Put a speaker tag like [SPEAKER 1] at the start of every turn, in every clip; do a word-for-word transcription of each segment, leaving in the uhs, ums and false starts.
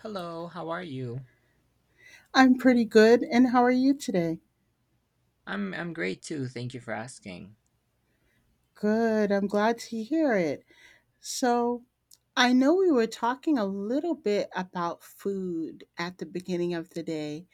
[SPEAKER 1] Hello, how are you?
[SPEAKER 2] I'm pretty good. And how are you today?
[SPEAKER 1] I'm I'm great too. Thank you for asking.
[SPEAKER 2] Good. I'm glad to hear it. So, I know we were talking a little bit about food at the beginning of the day,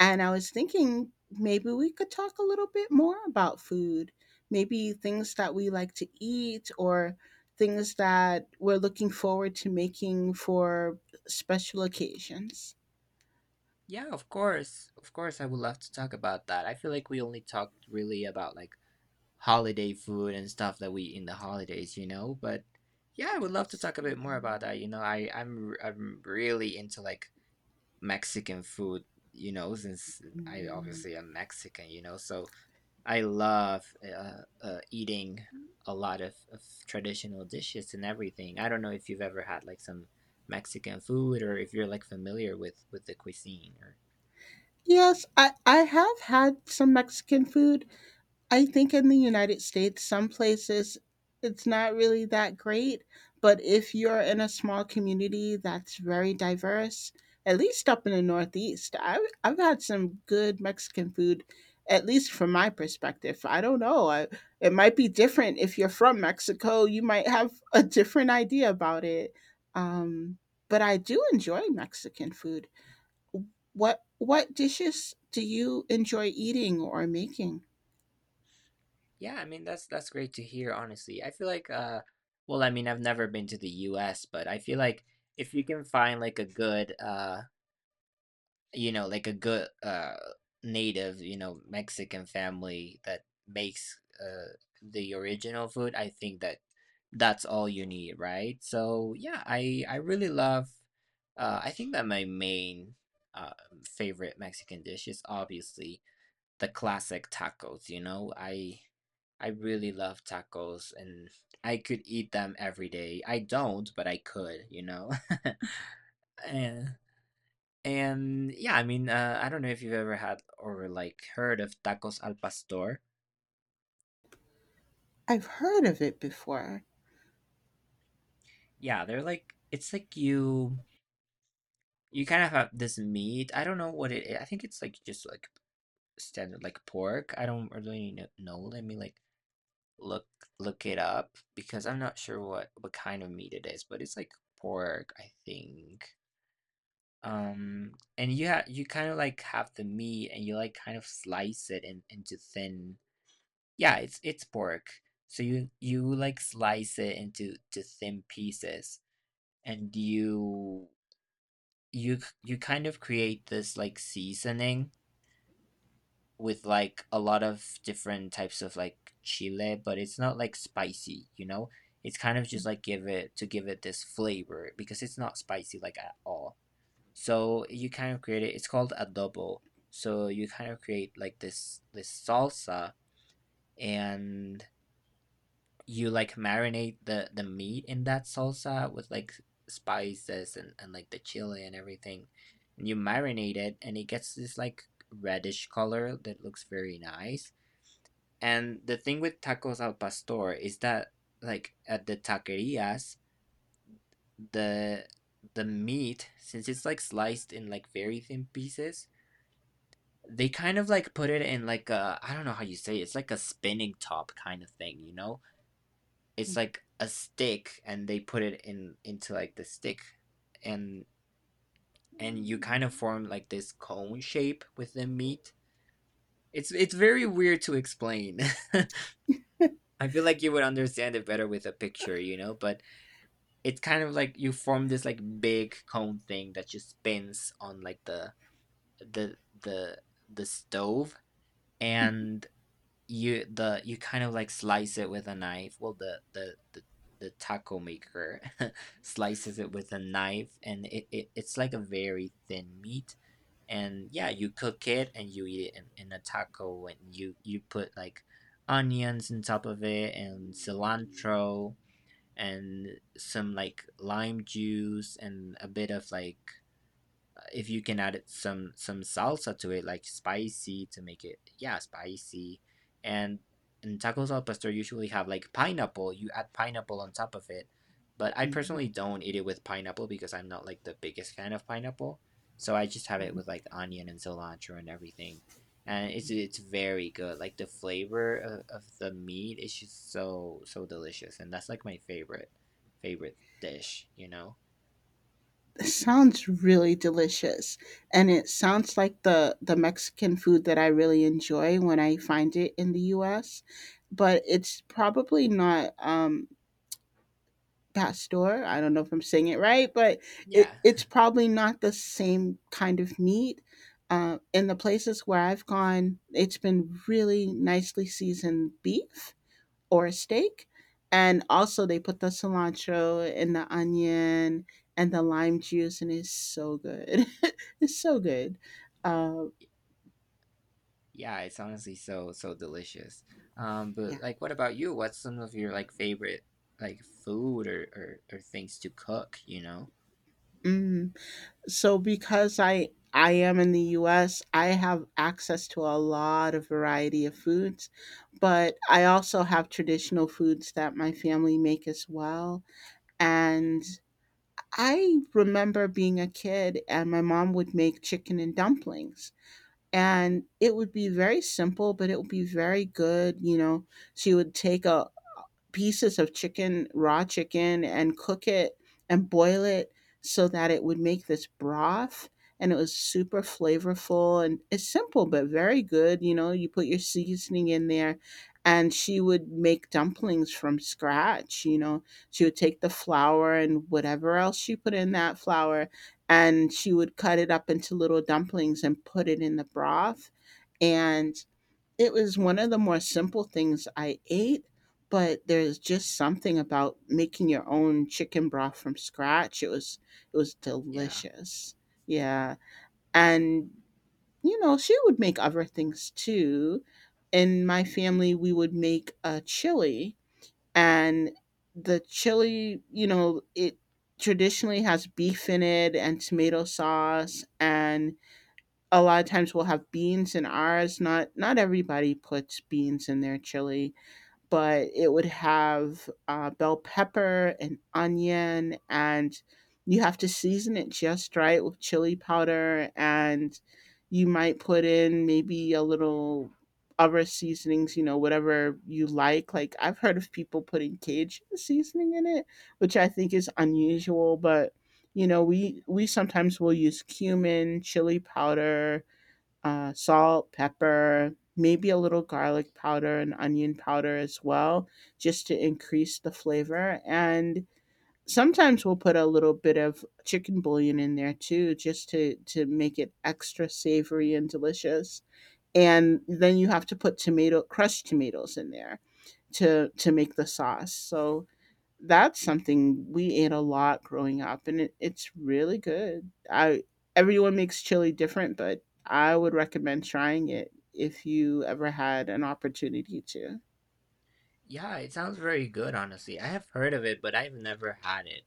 [SPEAKER 2] and I was thinking maybe we could talk a little bit more about food. Maybe things that we like to eat or things that we're looking forward to making for special occasions.
[SPEAKER 1] Yeah, of course. Of course I would love to talk about that. I feel like we only talked really about like holiday food and stuff that we eat in the holidays, you know, but yeah, I would love to
[SPEAKER 2] Yes.
[SPEAKER 1] talk a bit more about that. You know, I I'm r- I'm really into like Mexican food, you know, since I obviously am Mexican, you know. So, I love uh, uh, eating a lot of, of traditional dishes and everything. I don't know if you've ever had like some Mexican food or if you're like familiar with with the cuisine or
[SPEAKER 2] Yes, I, I have had some Mexican food I think in the United States, some places it's not really that great, but if you're in a small community that's very diverse, at least up in the Northeast, I've, I've had some good Mexican food, at least from my perspective. I don't know. I, it might be different if you're from Mexico, you might have a different idea about it. Um, but I do enjoy Mexican food. What what dishes do you enjoy eating or making?
[SPEAKER 1] yeah, I mean that's that's great to hear, honestly. I feel like uh well, I mean I've never been to the U S, but I feel like if you can find like a good uh you know, like a good uh native, you know, Mexican family that makes uh the original food, I think that that's all you need, right? So yeah, I I really love uh I think that my main uh favorite Mexican dish is obviously the classic tacos, you know. I I really love tacos and I could eat them every day. I don't, but I could, you know. And and yeah, I mean, uh, I don't know if you've ever had or like heard of tacos al pastor.
[SPEAKER 2] I've heard of it before.
[SPEAKER 1] Yeah, they're like it's like you you kind of have this meat. I don't know what it is. I think it's like just like standard like pork. I don't really kn- know. Let me like look look it up because I'm not sure what what kind of meat it is, but it's like pork, I think. Um, and you ha you kind of like have the meat and you like kind of slice it in, into thin Yeah, it's it's pork. So you you like slice it into to thin pieces, and you you c- you kind of create this like seasoning with like a lot of different types of like chile, but it's not like spicy, you know? It's kind of just like give it to give it this flavor because it's not spicy like at all. So you kind of create it. It's called adobo. So you kind of create like this this salsa and you like marinate the the meat in that salsa with like spices and and like the chili and everything and you marinate it and it gets this like reddish color that looks very nice and the thing with tacos al pastor is that like at the taquerias the the meat since it's like sliced in like very thin pieces they kind of like put it in like a I don't know how you say it, it's like a spinning top kind of thing you know. It's like a stick and they put it in into, like, the stick and and you kind of form, like, this cone shape with the meat. It's it's very weird to explain. I feel like you would understand it better with a picture, you know, but it's kind of like you form this, like, big cone thing that just spins on, like, the the the the stove, and You the you kind of, like, slice it with a knife. Well, the the the the taco maker slices it with a knife, and it it it's like a very thin meat, and, yeah, you cook it, and you eat it in in a taco, and you you put, like, onions on top of it, and cilantro, and some, like, lime juice, and a bit of, like if you can add some some salsa to it, like spicy to make it yeah spicy, and and tacos al pastor usually have like pineapple. You add pineapple on top of it, but I personally don't eat it with pineapple because I'm not like the biggest fan of pineapple. So I just have it with like onion and cilantro and everything, and it's it's very good. Like the flavor of, of the meat is just so so delicious, and that's like my favorite favorite dish. You know?
[SPEAKER 2] It sounds really delicious, and it sounds like the the Mexican food that I really enjoy when I find it in the U S. But it's probably not um, pastor. I don't know if I'm saying it right, but it,
[SPEAKER 1] Yeah.
[SPEAKER 2] it's probably not the same kind of meat. Uh, in the places where I've gone, it's been really nicely seasoned beef or a steak. And also, they put the cilantro and the onion and the lime juice, and it's so good. It's so good. Uh,
[SPEAKER 1] Yeah, it's honestly so so delicious. Um,
[SPEAKER 2] yeah.
[SPEAKER 1] but like, what about you? What's some of your like favorite like food or or, or things to cook, you know?
[SPEAKER 2] Mm. So because I I am in the U S, I have access to a lot of variety of foods, but I also have traditional foods that my family make as well. And I remember being a kid, and my mom would make chicken and dumplings, and it would be very simple but it would be very good, you know. She would take a pieces of chicken, raw chicken, and cook it and boil it so that it would make this broth. And it was super flavorful and it's simple, but very good. You know, you put your seasoning in there, and she would make dumplings from scratch. You know, she would take the flour and whatever else she put in that flour, and she would cut it up into little dumplings and put it in the broth. And it was one of the more simple things I ate, but there's just something about making your own chicken broth from scratch. It was it was
[SPEAKER 1] Yeah.
[SPEAKER 2] delicious. Yeah. And you know, she would make other things too. In my family, we would make a chili, and the chili, you know, it traditionally has beef in it and tomato sauce, and a lot of times we'll have beans in ours. Not not everybody puts beans in their chili, but it would have uh, bell pepper and onion, and you have to season it just right with chili powder, and you might put in maybe a little other seasonings, you know, whatever you like. Like I've heard of people putting Cajun seasoning in it, which I think is unusual, but you know, we we sometimes will use cumin, chili powder, uh, salt, pepper, maybe a little garlic powder and onion powder as well, just to increase the flavor. And sometimes we'll put a little bit of chicken bouillon in there too, just to, to make it extra savory and delicious. And then you have to put tomato, crushed tomatoes in there to, to make the sauce. So that's something we ate a lot growing up, and it, it's really good. I everyone makes chili different, but I would recommend trying it if you ever had an opportunity to.
[SPEAKER 1] Yeah, it sounds very good, honestly. I have heard of it, but I've never had it.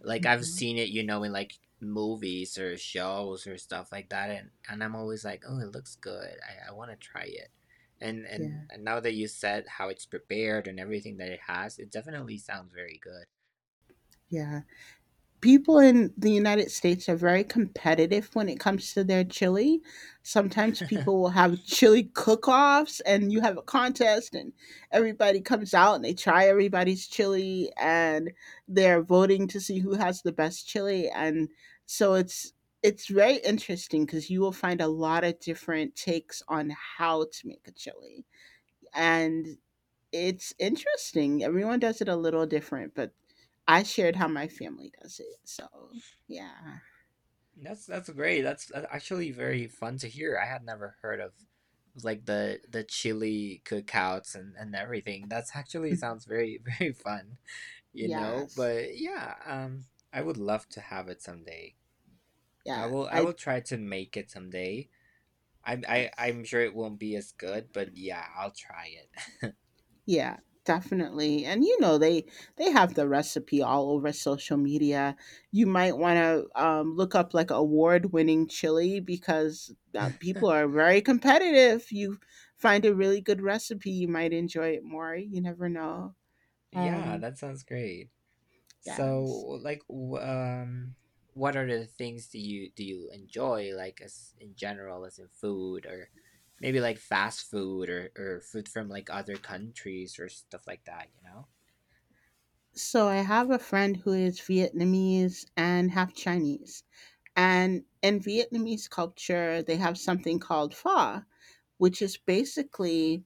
[SPEAKER 1] Like I've
[SPEAKER 2] Mhm.
[SPEAKER 1] seen it, you know, in like movies or shows or stuff like that, and and I'm always like, oh, it looks good. I, I want to try it. And, and
[SPEAKER 2] Yeah,
[SPEAKER 1] and now that you said how it's prepared and everything that it has, it definitely sounds very good.
[SPEAKER 2] yeah, people in the United States are very competitive when it comes to their chili. Sometimes people will have chili cook-offs and you have a contest, and everybody comes out and they try everybody's chili, and they're voting to see who has the best chili. And so it's it's very interesting because you will find a lot of different takes on how to make a chili. And it's interesting. Everyone does it a little different, but I shared how my family does it. So, yeah.
[SPEAKER 1] That's that's great. That's that's actually very fun to hear. I had never heard of like the the chili cookouts and and everything. That's actually
[SPEAKER 2] Mm,
[SPEAKER 1] sounds very very fun, you know?
[SPEAKER 2] yes.
[SPEAKER 1] But yeah, um I would love to have it someday. I
[SPEAKER 2] Yeah.
[SPEAKER 1] will I
[SPEAKER 2] I
[SPEAKER 1] will try to make it someday. I'm I
[SPEAKER 2] yes.
[SPEAKER 1] I'm sure it won't be as good, but yeah, I'll try it.
[SPEAKER 2] Yeah, definitely. And you know, they they have the recipe all over social media. You might want to um, look up like award-winning chili because uh, people are very competitive. You find a really good recipe, you might enjoy it more. You never know.
[SPEAKER 1] Yeah,
[SPEAKER 2] Um,
[SPEAKER 1] that sounds great. So,
[SPEAKER 2] yes.
[SPEAKER 1] like, w- um, what are the things do you do you enjoy, like, as in general, as in food, or maybe like fast food, or or food from like other countries or stuff like that, you know?
[SPEAKER 2] So I have a friend who is Vietnamese and half Chinese. And in Vietnamese culture, they have something called pho, which is basically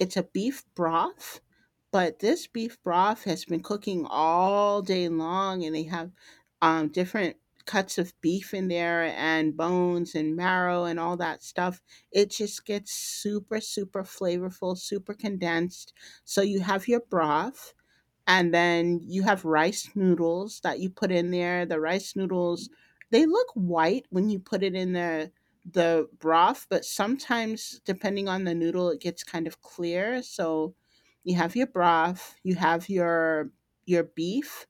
[SPEAKER 2] it's a beef broth, but this beef broth has been cooking all day long and they have um, different cuts of beef in there and bones and marrow and all that stuff. It just gets super, super flavorful, super condensed. So you have your broth and then you have rice noodles that you put in there. The rice noodles, they look white when you put it in the the broth, but sometimes depending on the noodle it gets kind of clear. So you have your broth, you have your your beef.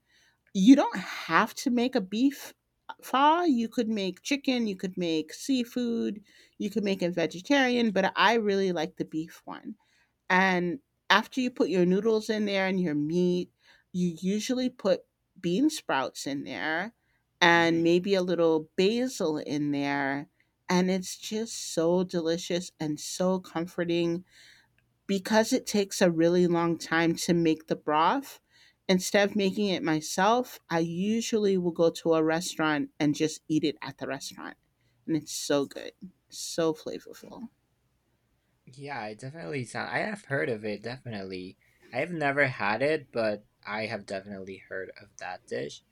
[SPEAKER 2] You don't have to make a beef pho. You could make chicken, you could make seafood, you could make it vegetarian, but I really like the beef one. And after you put your noodles in there and your meat, you usually put bean sprouts in there and
[SPEAKER 1] Mm.
[SPEAKER 2] maybe a little basil in there. And it's just so delicious and so comforting because it takes a really long time to make the broth. Instead of making it myself, I usually will go to a restaurant and just eat it at the restaurant. And it's so good, so flavorful.
[SPEAKER 1] Yeah, it definitely sound. I have heard of it, definitely. I have never had it, but I have definitely heard of that dish.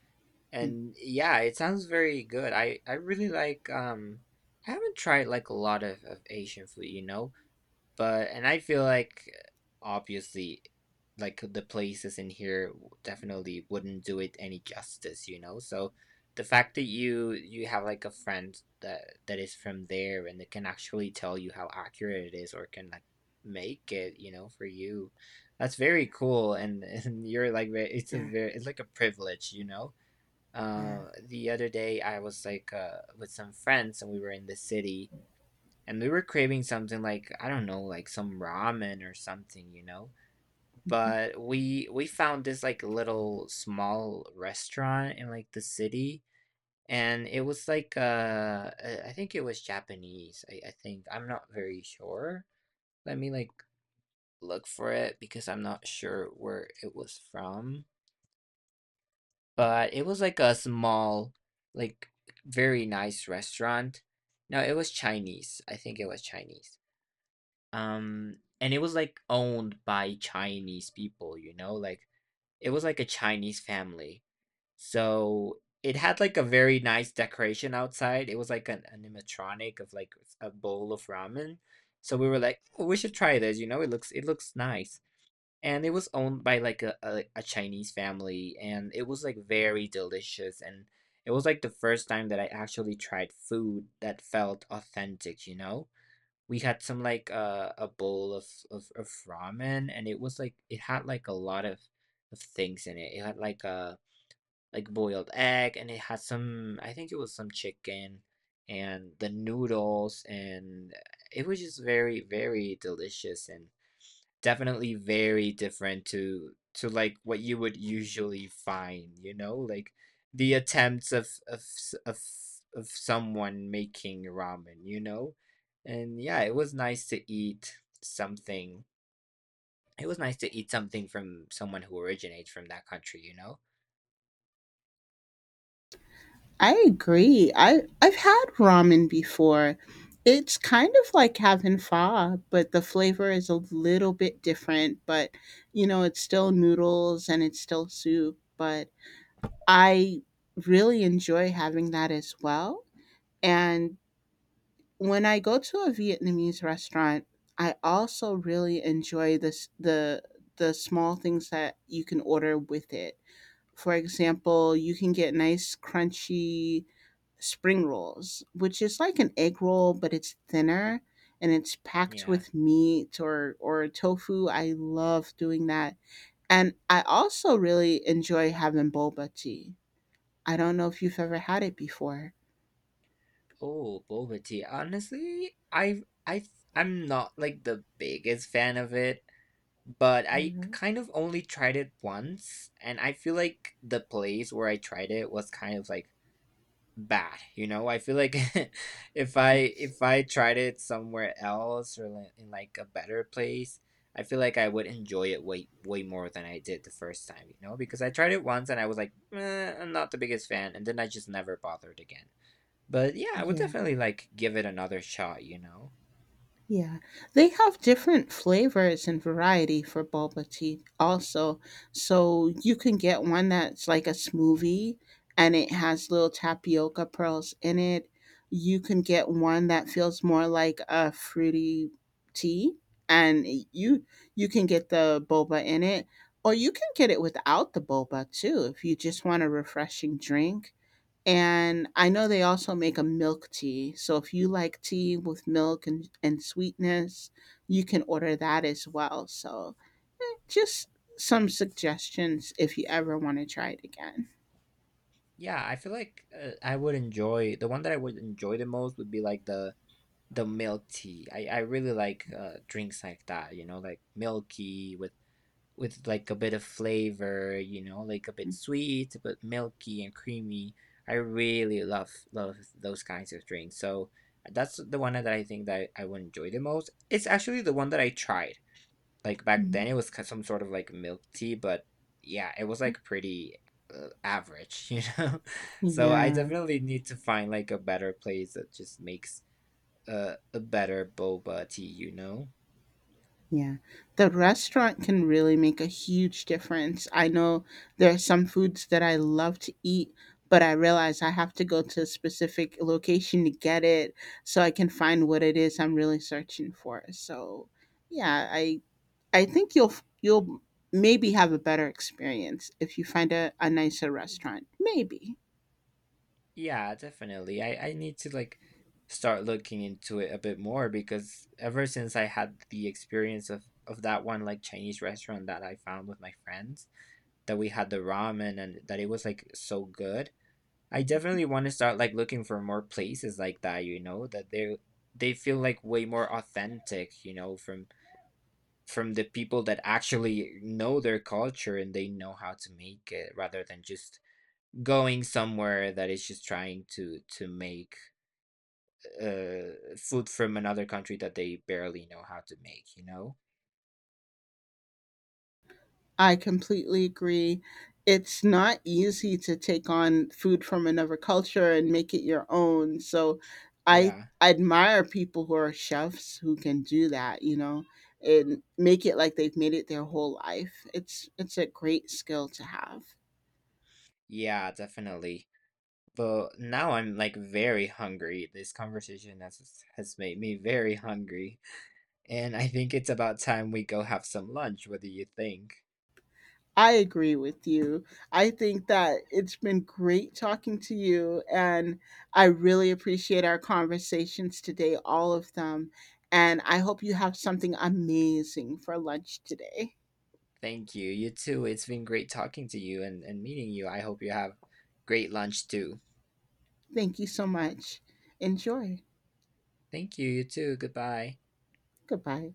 [SPEAKER 2] Mm.
[SPEAKER 1] And yeah, it sounds very good. I I really like um I haven't tried like a lot of, of Asian food, you know. But and I feel like obviously like the places in here w- definitely wouldn't do it any justice, you know? So the fact that you you have like a friend that that is from there and that can actually tell you how accurate it is or can like make it, you know, for you. That's very cool and and you're like ve- it's a
[SPEAKER 2] Yeah,
[SPEAKER 1] very it's like a privilege, you know?
[SPEAKER 2] yeah.
[SPEAKER 1] Uh the other day I was like uh with some friends and we were in the city and we were craving something like I don't know, like some ramen or something, you know. But we we found this like little small restaurant in like the city, and it was like uh I I think it was Japanese. I, I think I'm not very sure. Let me like look for it because I'm not sure where it was from. But it was like a small, like very nice restaurant. No, it was Chinese. I think it was Chinese. Um, and it was, like, owned by Chinese people, you know, like, it was, like, a Chinese family. So, it had, like, a very nice decoration outside. It was, like, an animatronic of, like, a bowl of ramen. So, we were like, "Oh, we should try this, you know, it looks it looks nice." And it was owned by, like, a a a Chinese family, and it was, like, very delicious, and it was, like, the first time that I actually tried food that felt authentic, you know? We had some like uh, a bowl of, of of ramen and it was like it had like a lot of of things in it it had like a like boiled egg and it had some I think it was some chicken and the noodles and it was just very very delicious and definitely very different to to like what you would usually find, you know, like the attempts of of s- of s- of someone making ramen, you know? And yeah, it was nice to eat something. It was nice to eat something from someone who originates from that country, you know?
[SPEAKER 2] I agree. I I've had ramen before. It's kind of like having pho, but the flavor is a little bit different, but you know, it's still noodles and it's still soup, but I really enjoy having that as well. And when I go to a Vietnamese restaurant, I also really enjoy this the the small things that you can order with it. For example, you can get nice crunchy spring rolls, which is like an egg roll, but it's thinner and it's packed
[SPEAKER 1] Yeah.
[SPEAKER 2] with meat or or tofu. I love doing that. And I also really enjoy having boba tea. I don't know if you've ever had it before.
[SPEAKER 1] Oh, boba tea. Honestly, I I I'm not like the biggest fan of it. But I kind of only tried it once, and I feel like the place where I tried it was kind of, like, bad, you know? I feel like if I
[SPEAKER 2] Yes.
[SPEAKER 1] if I tried it somewhere else or, like, in, like, a better place, I feel like I would enjoy it way way more than I did the first time, you know? Because I tried it once and I was like, "Eh, I'm not the biggest fan," and then I just never bothered again. But, yeah, I would
[SPEAKER 2] Yeah.
[SPEAKER 1] definitely, like, give it another shot, you know?
[SPEAKER 2] Yeah, they have different flavors and variety for boba tea also. So you can get one that's like a smoothie and it has little tapioca pearls in it. You can get one that feels more like a fruity tea, and you you can get the boba in it or you can get it without the boba too if you just want a refreshing drink. And I know they also make a milk tea. So if you like tea with milk and, and sweetness, you can order that as well. So eh, just some suggestions if you ever want to try it again.
[SPEAKER 1] Yeah, I feel like, uh, I would enjoy the one that I would enjoy the most would be, like, the the milk tea. I I really like uh drinks like that, you know, like milky with with like a bit of flavor, you know, like a bit sweet but milky and creamy. I really love love those kinds of drinks. So that's the one that I think that I would enjoy the most. It's actually the one that I tried. Like back
[SPEAKER 2] Mhm.
[SPEAKER 1] then it was ki- some sort of like milk tea, but yeah, it was like pretty uh, average, you know. So I
[SPEAKER 2] Yeah.
[SPEAKER 1] definitely need to find like a better place that just makes a a better boba tea, you know?
[SPEAKER 2] Yeah. The restaurant can really make a huge difference. I know there are some foods that I love to eat, but I realize I have to go to a specific location to get it so I can find what it is I'm really searching for. So, yeah, I I think you'll you'll maybe have a better experience if you find a, a nicer restaurant. Maybe.
[SPEAKER 1] Yeah, definitely. I, I need to like start looking into it a bit more because ever since I had the experience of of that one like Chinese restaurant that I found with my friends, that we had the ramen and that it was like so good. I definitely want to start like looking for more places like that, you know, that they they feel like way more authentic, you know, from from the people that actually know their culture and they know how to make it rather than just going somewhere that is just trying to to make uh food from another country that they barely know how to make you know.
[SPEAKER 2] I completely agree. It's not easy to take on food from another culture and make it your own. So I
[SPEAKER 1] Yeah,
[SPEAKER 2] admire people who are chefs who can do that, you know, and make it like they've made it their whole life. It's it's a great skill to have.
[SPEAKER 1] yeah, definitely. But now I'm like very hungry. This conversation has has made me very hungry and I think it's about time we go have some lunch. What do you think?
[SPEAKER 2] I agree with you. I think that it's been great talking to you, and I really appreciate our conversations today, all of them. And I hope you have something amazing for lunch today.
[SPEAKER 1] Thank you, you too. It's been great talking to you and and meeting you. I hope you have great lunch too.
[SPEAKER 2] Thank you so much. Enjoy.
[SPEAKER 1] Thank you, you too. Goodbye.
[SPEAKER 2] Goodbye.